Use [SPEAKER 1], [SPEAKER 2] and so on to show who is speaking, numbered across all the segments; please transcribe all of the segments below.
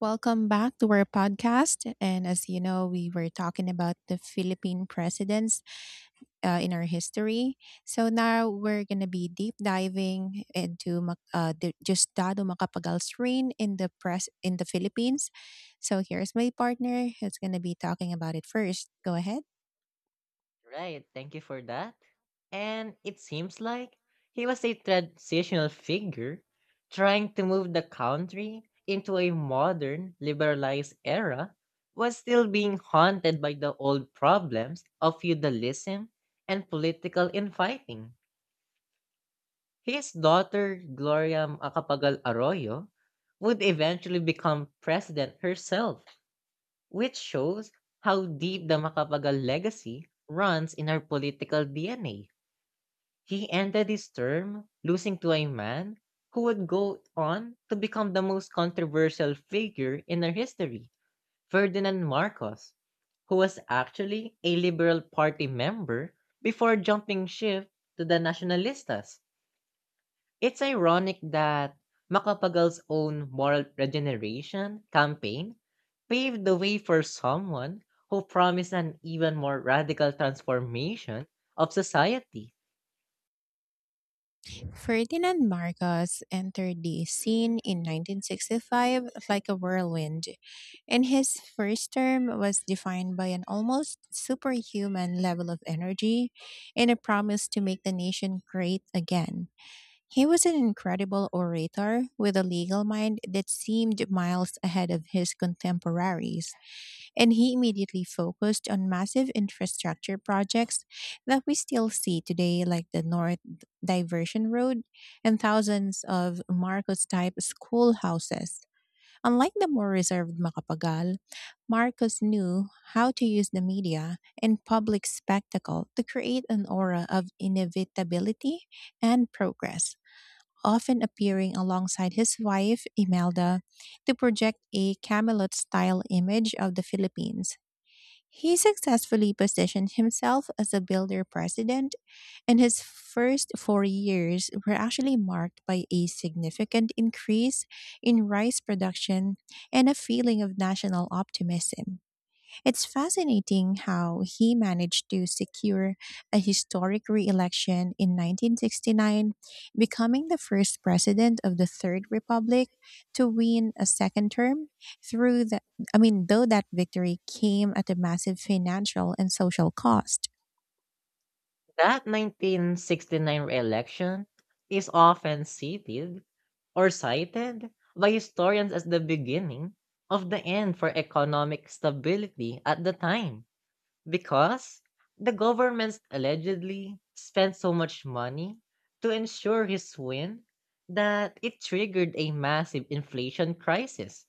[SPEAKER 1] Welcome back to our podcast. And as you know, we were talking about the Philippine presidents in our history. So now we're going to be deep diving into the Justado Macapagal's reign in the press in the Philippines. So here's my partner who's going to be talking about it first. Go ahead.
[SPEAKER 2] Right, thank you for that. And it seems like he was a transitional figure trying to move the country into a modern, liberalized era while still being haunted by the old problems of feudalism and political infighting. His daughter, Gloria Macapagal Arroyo, would eventually become president herself, which shows how deep the Macapagal legacy runs in our political DNA. He ended his term, losing to a man who would go on to become the most controversial figure in our history, Ferdinand Marcos, who was actually a Liberal Party member before jumping ship to the Nacionalistas. It's ironic that Macapagal's own moral regeneration campaign paved the way for someone who promised an even more radical transformation of society.
[SPEAKER 1] Ferdinand Marcos entered the scene in 1965 like a whirlwind, and his first term was defined by an almost superhuman level of energy and a promise to make the nation great again. He was an incredible orator with a legal mind that seemed miles ahead of his contemporaries, and he immediately focused on massive infrastructure projects that we still see today, like the North Diversion Road and thousands of Marcos type schoolhouses. Unlike the more reserved Makapagal, Marcos knew how to use the media and public spectacle to create an aura of inevitability and progress, often appearing alongside his wife, Imelda, to project a Camelot style image of the Philippines. He successfully positioned himself as a builder president, and his first 4 years were actually marked by a significant increase in rice production and a feeling of national optimism. It's fascinating how he managed to secure a historic re-election in 1969, becoming the first president of the Third Republic to win a second term through the I mean, though that victory came at a massive financial and social cost.
[SPEAKER 2] That 1969 re-election is often cited by historians as the beginning of the end for economic stability at the time, because the government allegedly spent so much money to ensure his win that it triggered a massive inflation crisis.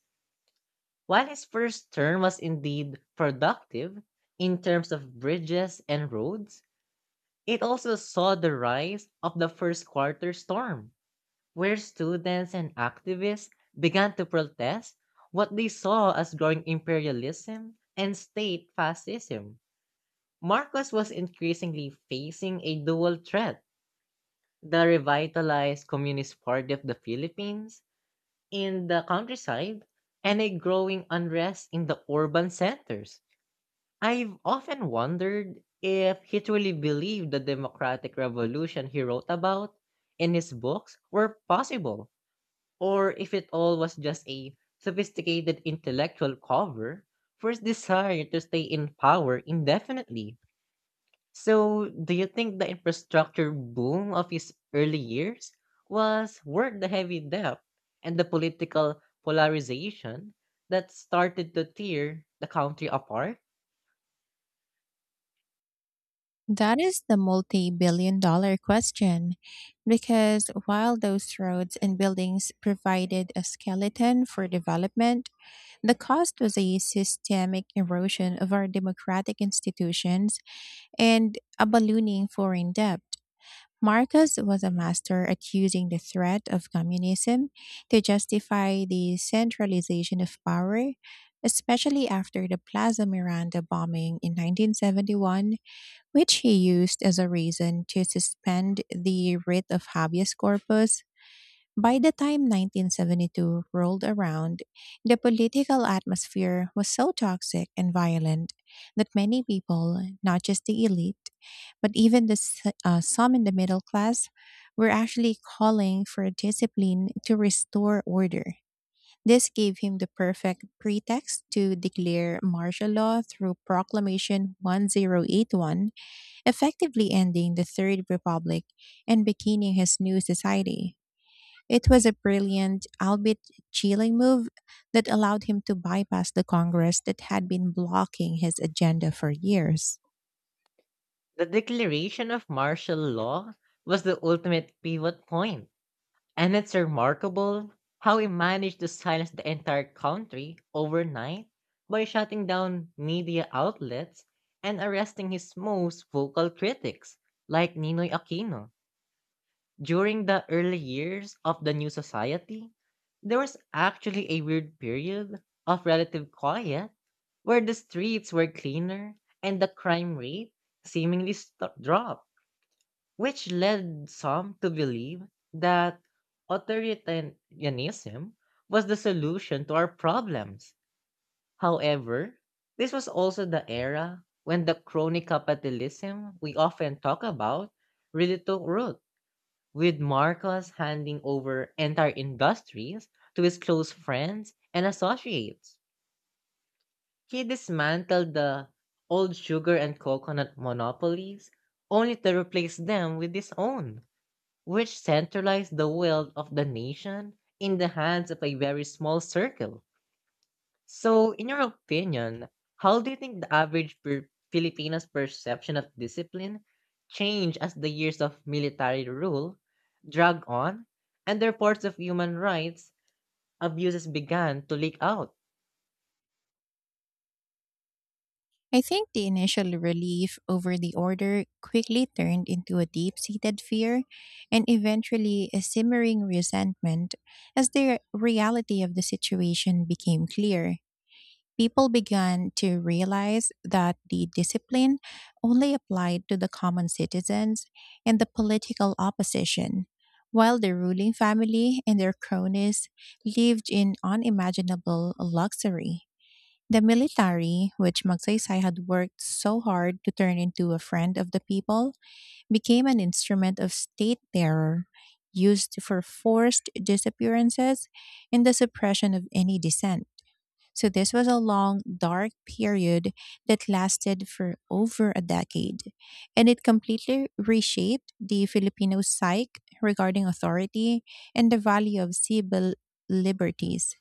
[SPEAKER 2] While his first term was indeed productive in terms of bridges and roads, it also saw the rise of the first quarter storm, where students and activists began to protest what they saw as growing imperialism and state fascism. Marcos was increasingly facing a dual threat: the revitalized Communist Party of the Philippines in the countryside and a growing unrest in the urban centers. I've often wondered if he truly believed the democratic revolution he wrote about in his books were possible, or if it all was just a sophisticated intellectual cover for his desire to stay in power indefinitely. So, do you think the infrastructure boom of his early years was worth the heavy debt and the political polarization that started to tear the country apart?
[SPEAKER 1] That is the multi-billion dollar question, because while those roads and buildings provided a skeleton for development, the cost was a systemic erosion of our democratic institutions and a ballooning foreign debt. Marcos was a master at using the threat of communism to justify the centralization of power, especially after the Plaza Miranda bombing in 1971, which he used as a reason to suspend the writ of habeas corpus. By the time 1972 rolled around, the political atmosphere was so toxic and violent that many people, not just the elite, but even some in the middle class, were actually calling for discipline to restore order. This gave him the perfect pretext to declare martial law through Proclamation 1081, effectively ending the Third Republic and beginning his new society. It was a brilliant, albeit chilling, move that allowed him to bypass the Congress that had been blocking his agenda for years.
[SPEAKER 2] The declaration of martial law was the ultimate pivot point, and it's remarkable how he managed to silence the entire country overnight by shutting down media outlets and arresting his most vocal critics, like Ninoy Aquino. During the early years of the new society, there was actually a weird period of relative quiet where the streets were cleaner and the crime rate seemingly dropped, which led some to believe that authoritarianism was the solution to our problems. However, this was also the era when the crony capitalism we often talk about really took root, with Marcos handing over entire industries to his close friends and associates. He dismantled the old sugar and coconut monopolies only to replace them with his own, which centralized the will of the nation in the hands of a very small circle. So, in your opinion, how do you think the average Filipino's perception of discipline changed as the years of military rule drag on and the reports of human rights abuses began to leak out?
[SPEAKER 1] I think the initial relief over the order quickly turned into a deep seated fear and eventually a simmering resentment as the reality of the situation became clear. People began to realize that the discipline only applied to the common citizens and the political opposition, while the ruling family and their cronies lived in unimaginable luxury. The military, which Magsaysay had worked so hard to turn into a friend of the people, became an instrument of state terror used for forced disappearances and the suppression of any dissent. So this was a long, dark period that lasted for over a decade, and it completely reshaped the Filipino psyche regarding authority and the value of civil liberties.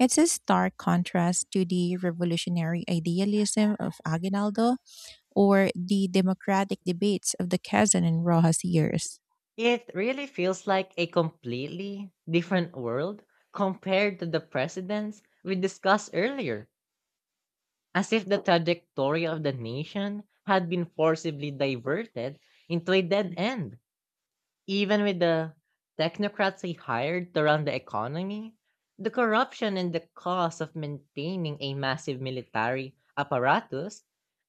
[SPEAKER 1] It's a stark contrast to the revolutionary idealism of Aguinaldo or the democratic debates of the Quezon and Rojas years.
[SPEAKER 2] It really feels like a completely different world compared to the precedents we discussed earlier, as if the trajectory of the nation had been forcibly diverted into a dead end. Even with the technocrats they hired to run the economy, the corruption and the cost of maintaining a massive military apparatus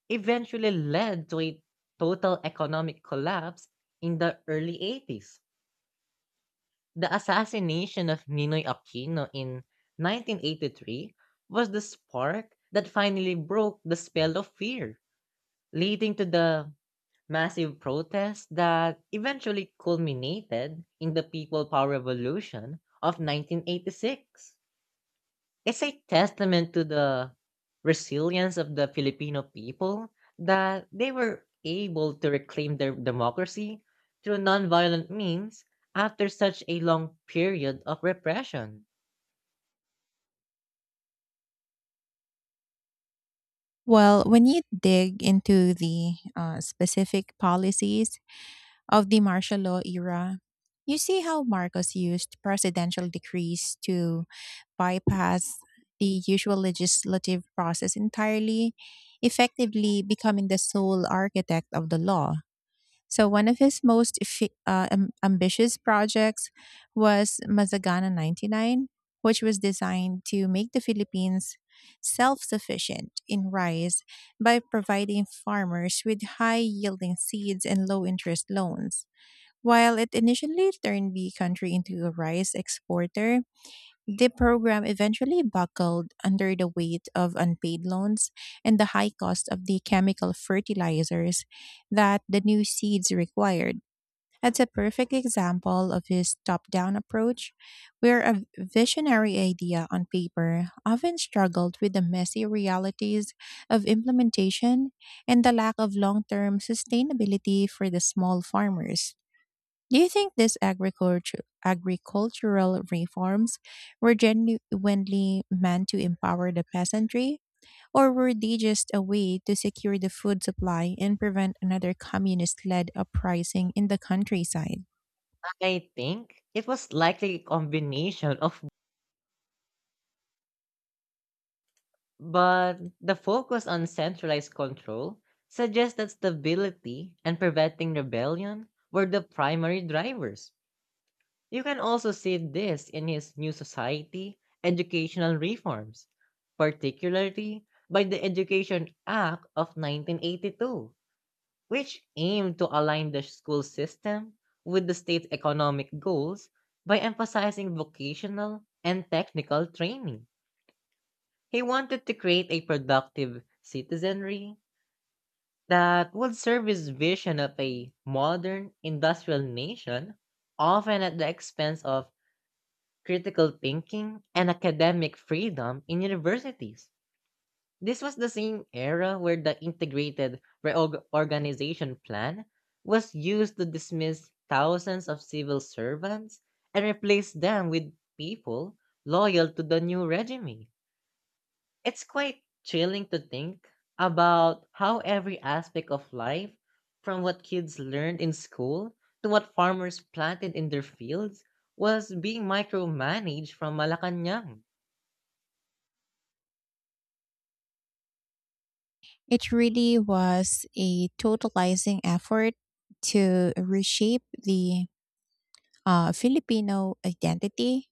[SPEAKER 2] eventually led to a total economic collapse in the early 80s. The assassination of Ninoy Aquino in 1983 was the spark that finally broke the spell of fear, leading to the massive protests that eventually culminated in the People Power Revolution of 1986. It's a testament to the resilience of the Filipino people that they were able to reclaim their democracy through nonviolent means after such a long period of repression.
[SPEAKER 1] Well, when you dig into the specific policies of the martial law era, you see how Marcos used presidential decrees to bypass the usual legislative process entirely, effectively becoming the sole architect of the law. So, one of his most ambitious projects was Mazagana 99, which was designed to make the Philippines self sufficient in rice by providing farmers with high yielding seeds and low interest loans. While it initially turned the country into a rice exporter, the program eventually buckled under the weight of unpaid loans and the high cost of the chemical fertilizers that the new seeds required. It's a perfect example of his top down approach, where a visionary idea on paper often struggled with the messy realities of implementation and the lack of long term sustainability for the small farmers. Do you think these agricultural reforms were genuinely meant to empower the peasantry, or were they just a way to secure the food supply and prevent another communist led uprising in the countryside?
[SPEAKER 2] I think it was likely a combination of. But the focus on centralized control suggests that stability and preventing rebellion were the primary drivers. You can also see this in his New Society educational reforms, particularly by the Education Act of 1982, which aimed to align the school system with the state's economic goals by emphasizing vocational and technical training. He wanted to create a productive citizenry that would serve his vision of a modern industrial nation, often at the expense of critical thinking and academic freedom in universities. This was the same era where the integrated reorganization plan was used to dismiss thousands of civil servants and replace them with people loyal to the new regime. It's quite chilling to think about how every aspect of life, from what kids learned in school to what farmers planted in their fields, was being micromanaged from Malacanang.
[SPEAKER 1] It really was a totalizing effort to reshape the Filipino identity,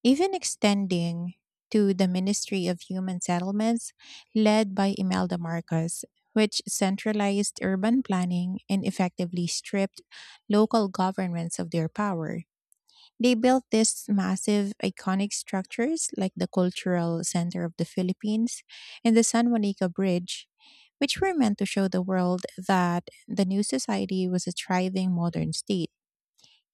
[SPEAKER 1] even extending to the Ministry of Human Settlements, led by Imelda Marcos, which centralized urban planning and effectively stripped local governments of their power. They built these massive iconic structures like the Cultural Center of the Philippines and the San Juanico Bridge, which were meant to show the world that the new society was a thriving modern state.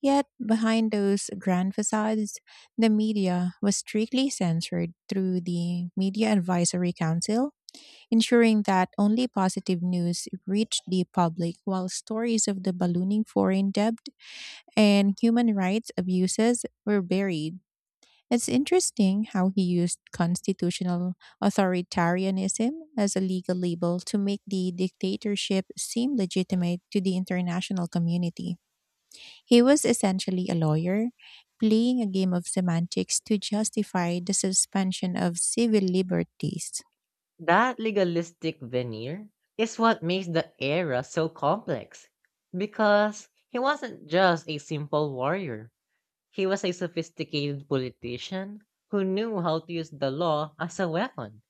[SPEAKER 1] Yet, behind those grand facades, the media was strictly censored through the Media Advisory Council, ensuring that only positive news reached the public, while stories of the ballooning foreign debt and human rights abuses were buried. It's interesting how he used constitutional authoritarianism as a legal label to make the dictatorship seem legitimate to the international community. He was essentially a lawyer, playing a game of semantics to justify the suspension of civil liberties.
[SPEAKER 2] That legalistic veneer is what makes the era so complex, because he wasn't just a simple warrior. He was a sophisticated politician who knew how to use the law as a weapon.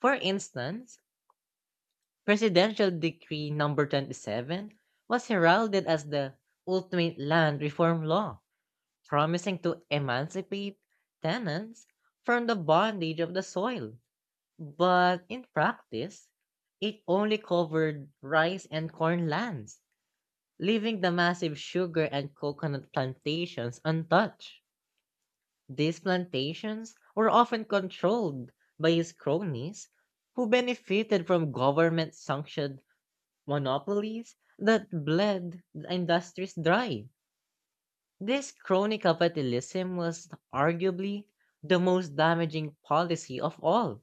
[SPEAKER 2] For instance, Presidential Decree number 27 was heralded as the ultimate land reform law, promising to emancipate tenants from the bondage of the soil. But in practice, it only covered rice and corn lands, leaving the massive sugar and coconut plantations untouched. These plantations were often controlled by his cronies, who benefited from government sanctioned monopolies that bled the industries dry. This crony capitalism was arguably the most damaging policy of all,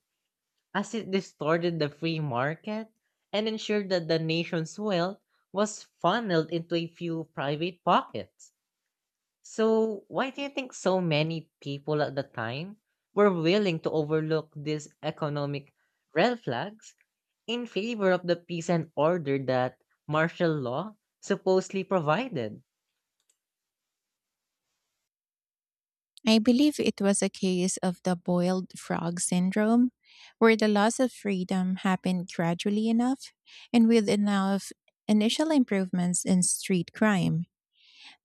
[SPEAKER 2] as it distorted the free market and ensured that the nation's wealth was funneled into a few private pockets. So, why do you think so many people at the time were willing to overlook these economic red flags in favor of the peace and order that martial law supposedly provided?
[SPEAKER 1] I believe it was a case of the boiled frog syndrome, where the loss of freedom happened gradually enough and with enough initial improvements in street crime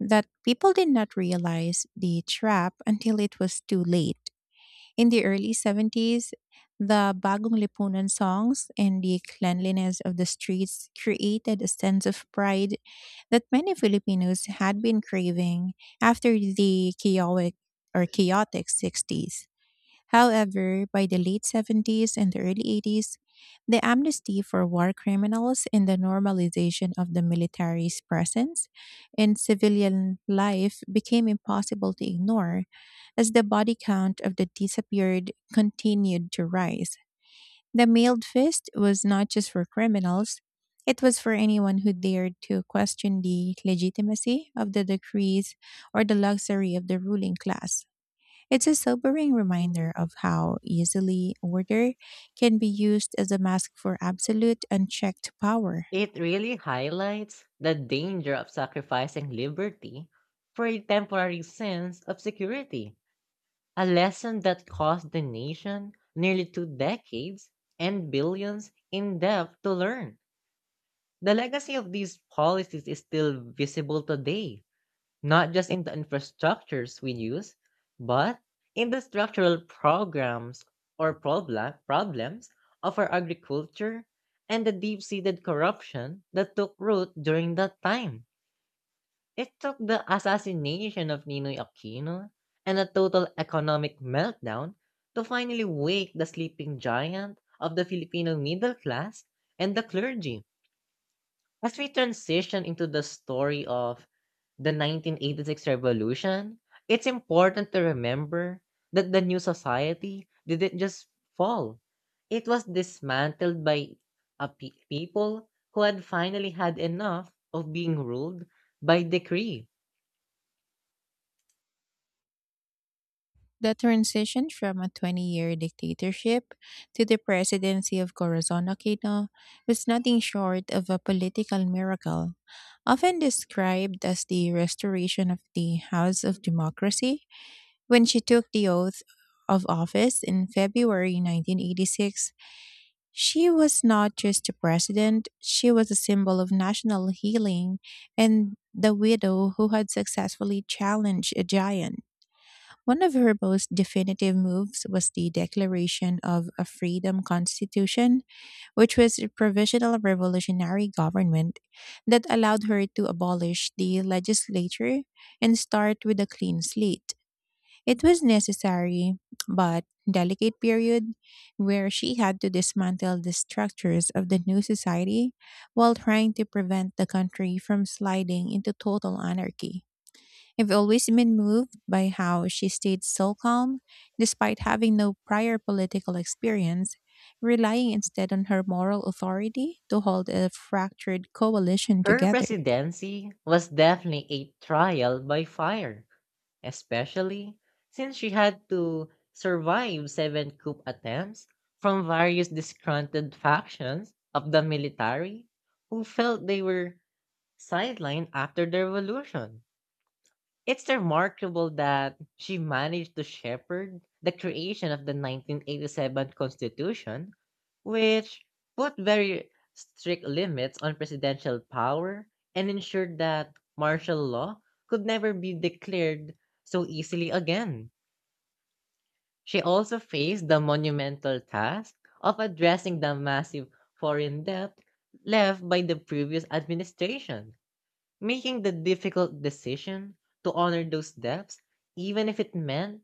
[SPEAKER 1] that people did not realize the trap until it was too late. In the early 70s, the Bagong Lipunan songs and the cleanliness of the streets created a sense of pride that many Filipinos had been craving after the chaotic 60s. However, by the late 70s and the early 80s, the amnesty for war criminals and the normalization of the military's presence in civilian life became impossible to ignore as the body count of the disappeared continued to rise. The mailed fist was not just for criminals, it was for anyone who dared to question the legitimacy of the decrees or the luxury of the ruling class. It's a sobering reminder of how easily order can be used as a mask for absolute unchecked power.
[SPEAKER 2] It really highlights the danger of sacrificing liberty for a temporary sense of security, a lesson that cost the nation nearly 2 decades and billions in debt to learn. The legacy of these policies is still visible today, not just in the infrastructures we use, but in the structural programs or problems of our agriculture and the deep seated corruption that took root during that time. It took the assassination of Ninoy Aquino and a total economic meltdown to finally wake the sleeping giant of the Filipino middle class and the clergy. As we transition into the story of the 1986 revolution, it's important to remember that the new society didn't just fall. It was dismantled by people who had finally had enough of being ruled by decree.
[SPEAKER 1] The transition from a 20-year year dictatorship to the presidency of Corazon Aquino was nothing short of a political miracle. Often described as the restoration of the House of Democracy, when she took the oath of office in February 1986, she was not just a president, she was a symbol of national healing and the widow who had successfully challenged a giant. One of her most definitive moves was the declaration of a freedom constitution, which was a provisional revolutionary government that allowed her to abolish the legislature and start with a clean slate. It was necessary but delicate period, where she had to dismantle the structures of the new society while trying to prevent the country from sliding into total anarchy. I've always been moved by how she stayed so calm despite having no prior political experience, relying instead on her moral authority to hold a fractured coalition
[SPEAKER 2] Her
[SPEAKER 1] together.
[SPEAKER 2] presidency was definitely a trial by fire, especially since she had to survive seven coup attempts from various disgruntled factions of the military who felt they were sidelined after the revolution. It's remarkable that she managed to shepherd the creation of the 1987 Constitution, which put very strict limits on presidential power and ensured that martial law could never be declared so easily again. She also faced the monumental task of addressing the massive foreign debt left by the previous administration, making the difficult decision to honor those debts, even if it meant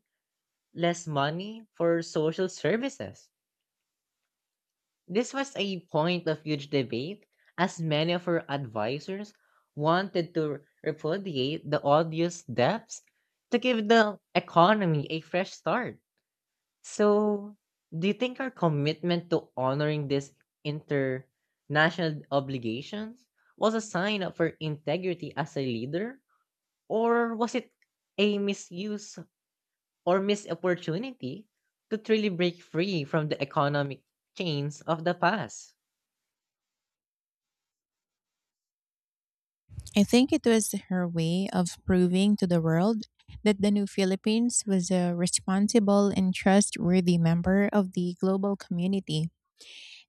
[SPEAKER 2] less money for social services. This was a point of huge debate, as many of her advisors wanted to repudiate the odious debts to give the economy a fresh start. So, do you think our commitment to honoring these international obligations was a sign of her integrity as a leader? Or was it a misuse or missed opportunity to truly break free from the economic chains of the past?
[SPEAKER 1] I think it was her way of proving to the world that the New Philippines was a responsible and trustworthy member of the global community.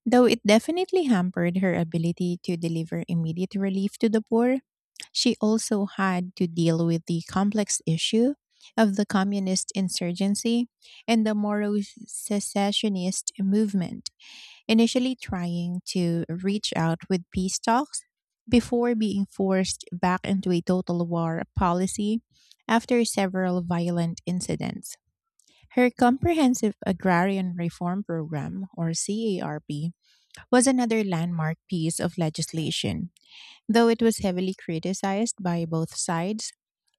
[SPEAKER 1] Though it definitely hampered her ability to deliver immediate relief to the poor, she also had to deal with the complex issue of the communist insurgency and the Moro secessionist movement, initially trying to reach out with peace talks before being forced back into a total war policy after several violent incidents. Her Comprehensive Agrarian Reform Program, or CARP, was another landmark piece of legislation. Though it was heavily criticized by both sides,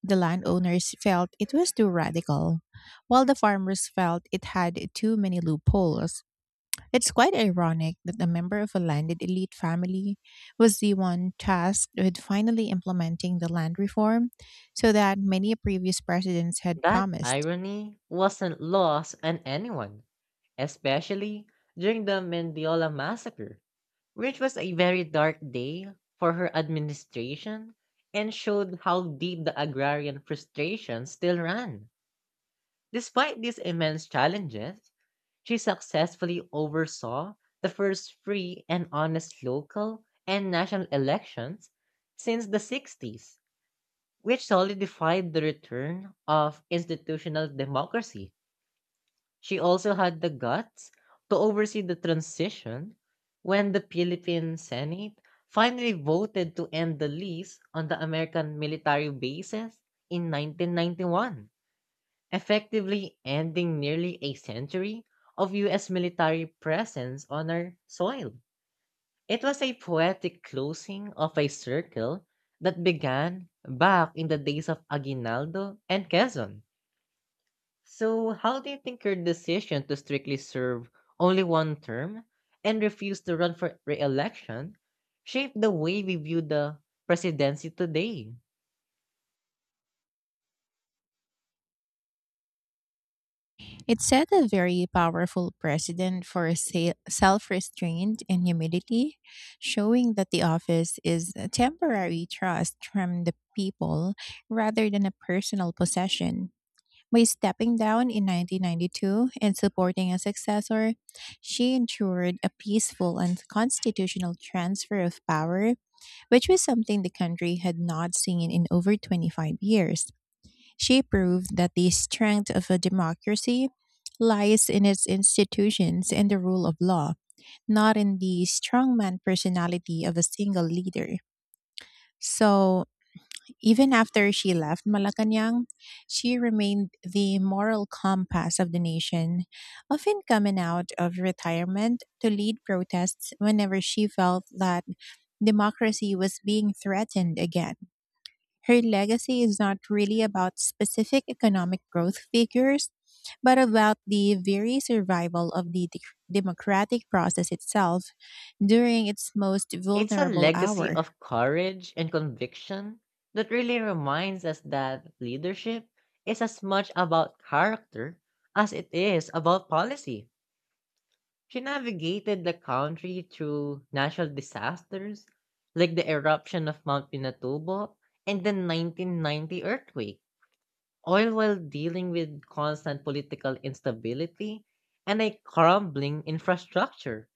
[SPEAKER 1] the landowners felt it was too radical, while the farmers felt it had too many loopholes. It's quite ironic that a member of a landed elite family was the one tasked with finally implementing the land reform so that many previous presidents had
[SPEAKER 2] That
[SPEAKER 1] promised.
[SPEAKER 2] irony wasn't lost on anyone, especially during the Mendiola massacre, which was a very dark day for her administration and showed how deep the agrarian frustration still ran. Despite these immense challenges, she successfully oversaw the first free and honest local and national elections since the 60s, which solidified the return of institutional democracy. She also had the guts to oversee the transition when the Philippine Senate finally voted to end the lease on the American military bases in 1991, effectively ending nearly a century of US military presence on our soil. It was a poetic closing of a circle that began back in the days of Aguinaldo and Quezon. So, how do you think your decision to strictly serve only one term and refuse to run for re election shaped the way we view the presidency today?
[SPEAKER 1] It set a very powerful precedent for self restraint and humility, showing that the office is a temporary trust from the people rather than a personal possession. By stepping down in 1992 and supporting a successor, she ensured a peaceful and constitutional transfer of power, which was something the country had not seen in over 25 years. She proved that the strength of a democracy lies in its institutions and the rule of law, not in the strongman personality of a single leader. So, even after she left Malacanang, she remained the moral compass of the nation, often coming out of retirement to lead protests whenever she felt that democracy was being threatened again. Her legacy is not really about specific economic growth figures, but about the very survival of the democratic process itself during its most
[SPEAKER 2] It's a
[SPEAKER 1] vulnerable
[SPEAKER 2] legacy
[SPEAKER 1] hour.
[SPEAKER 2] of courage and conviction that really reminds us that leadership is as much about character as it is about policy. She navigated the country through natural disasters like the eruption of Mount Pinatubo and the 1990 earthquake, all while dealing with constant political instability and a crumbling infrastructure.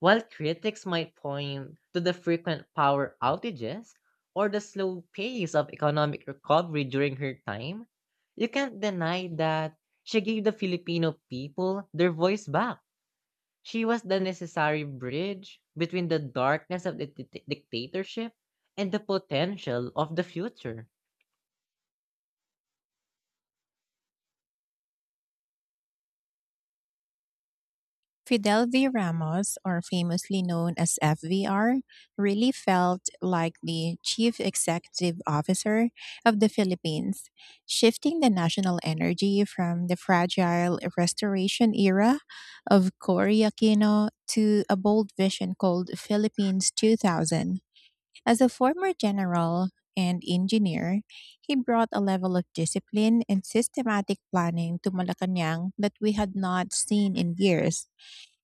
[SPEAKER 2] While critics might point to the frequent power outages or the slow pace of economic recovery during her time, you can't deny that she gave the Filipino people their voice back. She was the necessary bridge between the darkness of the dictatorship and the potential of the future.
[SPEAKER 1] Fidel V. Ramos, or famously known as FVR, really felt like the chief executive officer of the Philippines, shifting the national energy from the fragile restoration era of Cory Aquino to a bold vision called Philippines 2000. As a former general and engineer, he brought a level of discipline and systematic planning to Malacanang that we had not seen in years,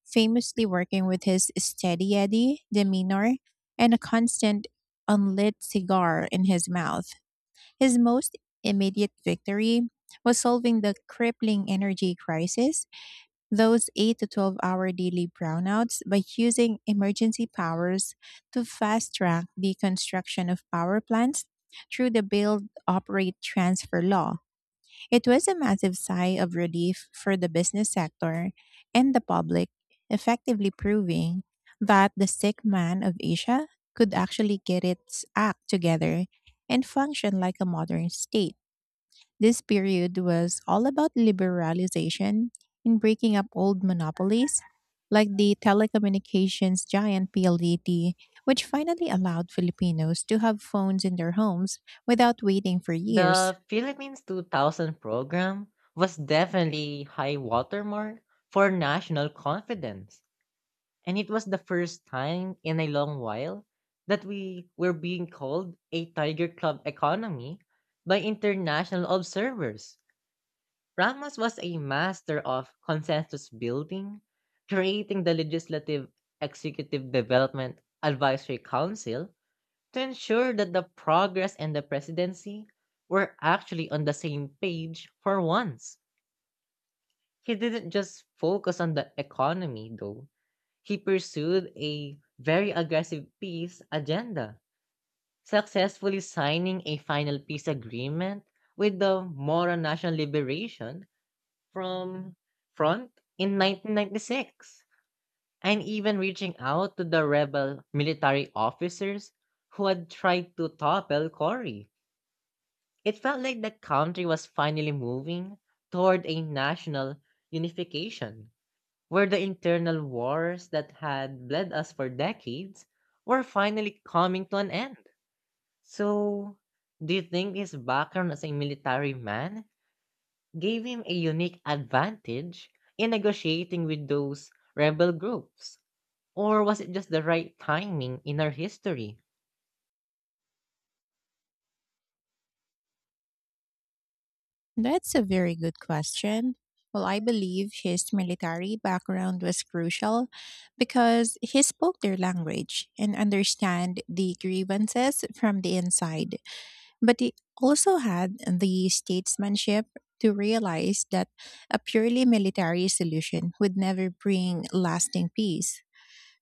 [SPEAKER 1] famously working with his steady Eddie demeanor and a constant unlit cigar in his mouth. His most immediate victory was solving the crippling energy crisis, those 8 to 12 hour daily brownouts, by using emergency powers to fast track the construction of power plants through the build, operate, transfer law. It was a massive sigh of relief for the business sector and the public, effectively proving that the sick man of Asia could actually get its act together and function like a modern state. This period was all about liberalization, in breaking up old monopolies like the telecommunications giant PLDT, which finally allowed Filipinos to have phones in their homes without waiting for years.
[SPEAKER 2] The Philippines 2000 program was definitely high watermark for national confidence. And it was the first time in a long while that we were being called a Tiger Club economy by international observers. Ramos was a master of consensus building, creating the Legislative Executive Development Advisory Council to ensure that the progress and the presidency were actually on the same page for once. He didn't just focus on the economy, though. He pursued a very aggressive peace agenda, successfully signing a final peace agreement with the Moro National Liberation from Front in 1996, and even reaching out to the rebel military officers who had tried to topple Cory. It felt like the country was finally moving toward a national unification, where the internal wars that had bled us for decades were finally coming to an end. So, do you think his background as a military man gave him a unique advantage in negotiating with those rebel groups, or was it just the right timing in our history?
[SPEAKER 1] That's a very good question. Well, I believe his military background was crucial because he spoke their language and understand the grievances from the inside. But he also had the statesmanship to realize that a purely military solution would never bring lasting peace.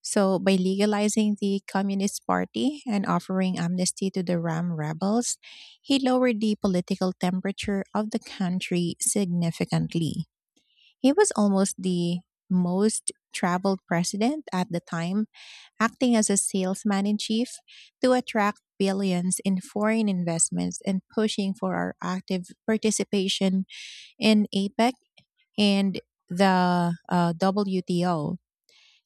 [SPEAKER 1] So, by legalizing the Communist Party and offering amnesty to the Ram rebels, he lowered the political temperature of the country significantly. He was almost the most traveled president at the time, acting as a salesman in chief to attract billions in foreign investments and pushing for our active participation in APEC and the WTO.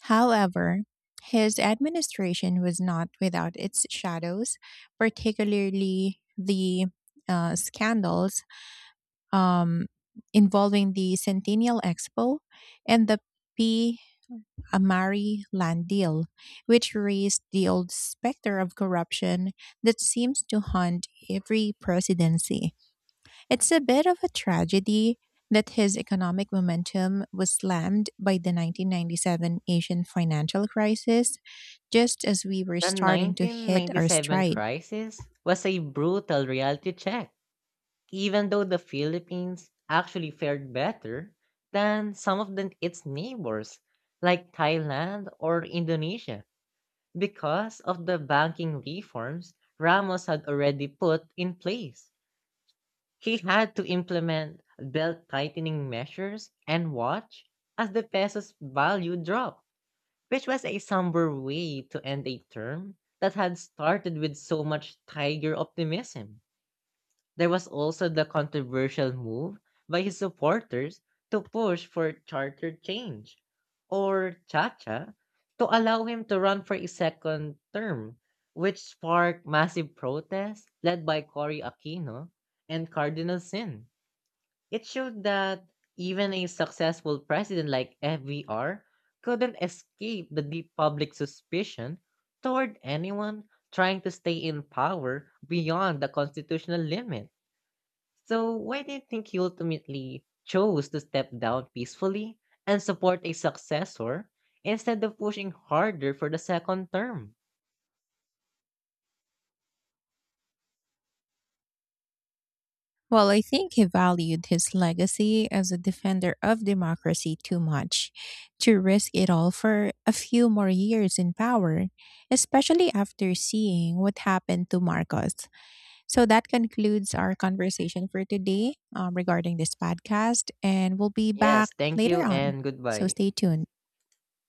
[SPEAKER 1] However, his administration was not without its shadows, particularly the scandals um, involving the Centennial Expo and the P. Amari land deal, which raised the old specter of corruption that seems to haunt every presidency. It's a bit of a tragedy that his economic momentum was slammed by the 1997 Asian financial crisis just as we were
[SPEAKER 2] The
[SPEAKER 1] starting to hit our
[SPEAKER 2] 1997
[SPEAKER 1] stride.
[SPEAKER 2] crisis was a brutal reality check, even though the Philippines actually fared better than some of its neighbors, like Thailand or Indonesia, because of the banking reforms Ramos had already put in place. He had to implement belt tightening measures and watch as the peso's value dropped, which was a somber way to end a term that had started with so much tiger optimism. There was also the controversial move by his supporters to push for charter change, or Chacha, to allow him to run for a second term, which sparked massive protests led by Cory Aquino and Cardinal Sin. It showed that even a successful president like FVR couldn't escape the deep public suspicion toward anyone trying to stay in power beyond the constitutional limit. So, why do you think he ultimately chose to step down peacefully and support a successor instead of pushing harder for the second term?
[SPEAKER 1] Well, I think he valued his legacy as a defender of democracy too much to risk it all for a few more years in power, especially after seeing what happened to Marcos. So that concludes our conversation for today regarding this podcast, and we'll be back
[SPEAKER 2] Yes, thank you
[SPEAKER 1] later on.
[SPEAKER 2] and
[SPEAKER 1] So
[SPEAKER 2] goodbye.
[SPEAKER 1] stay tuned.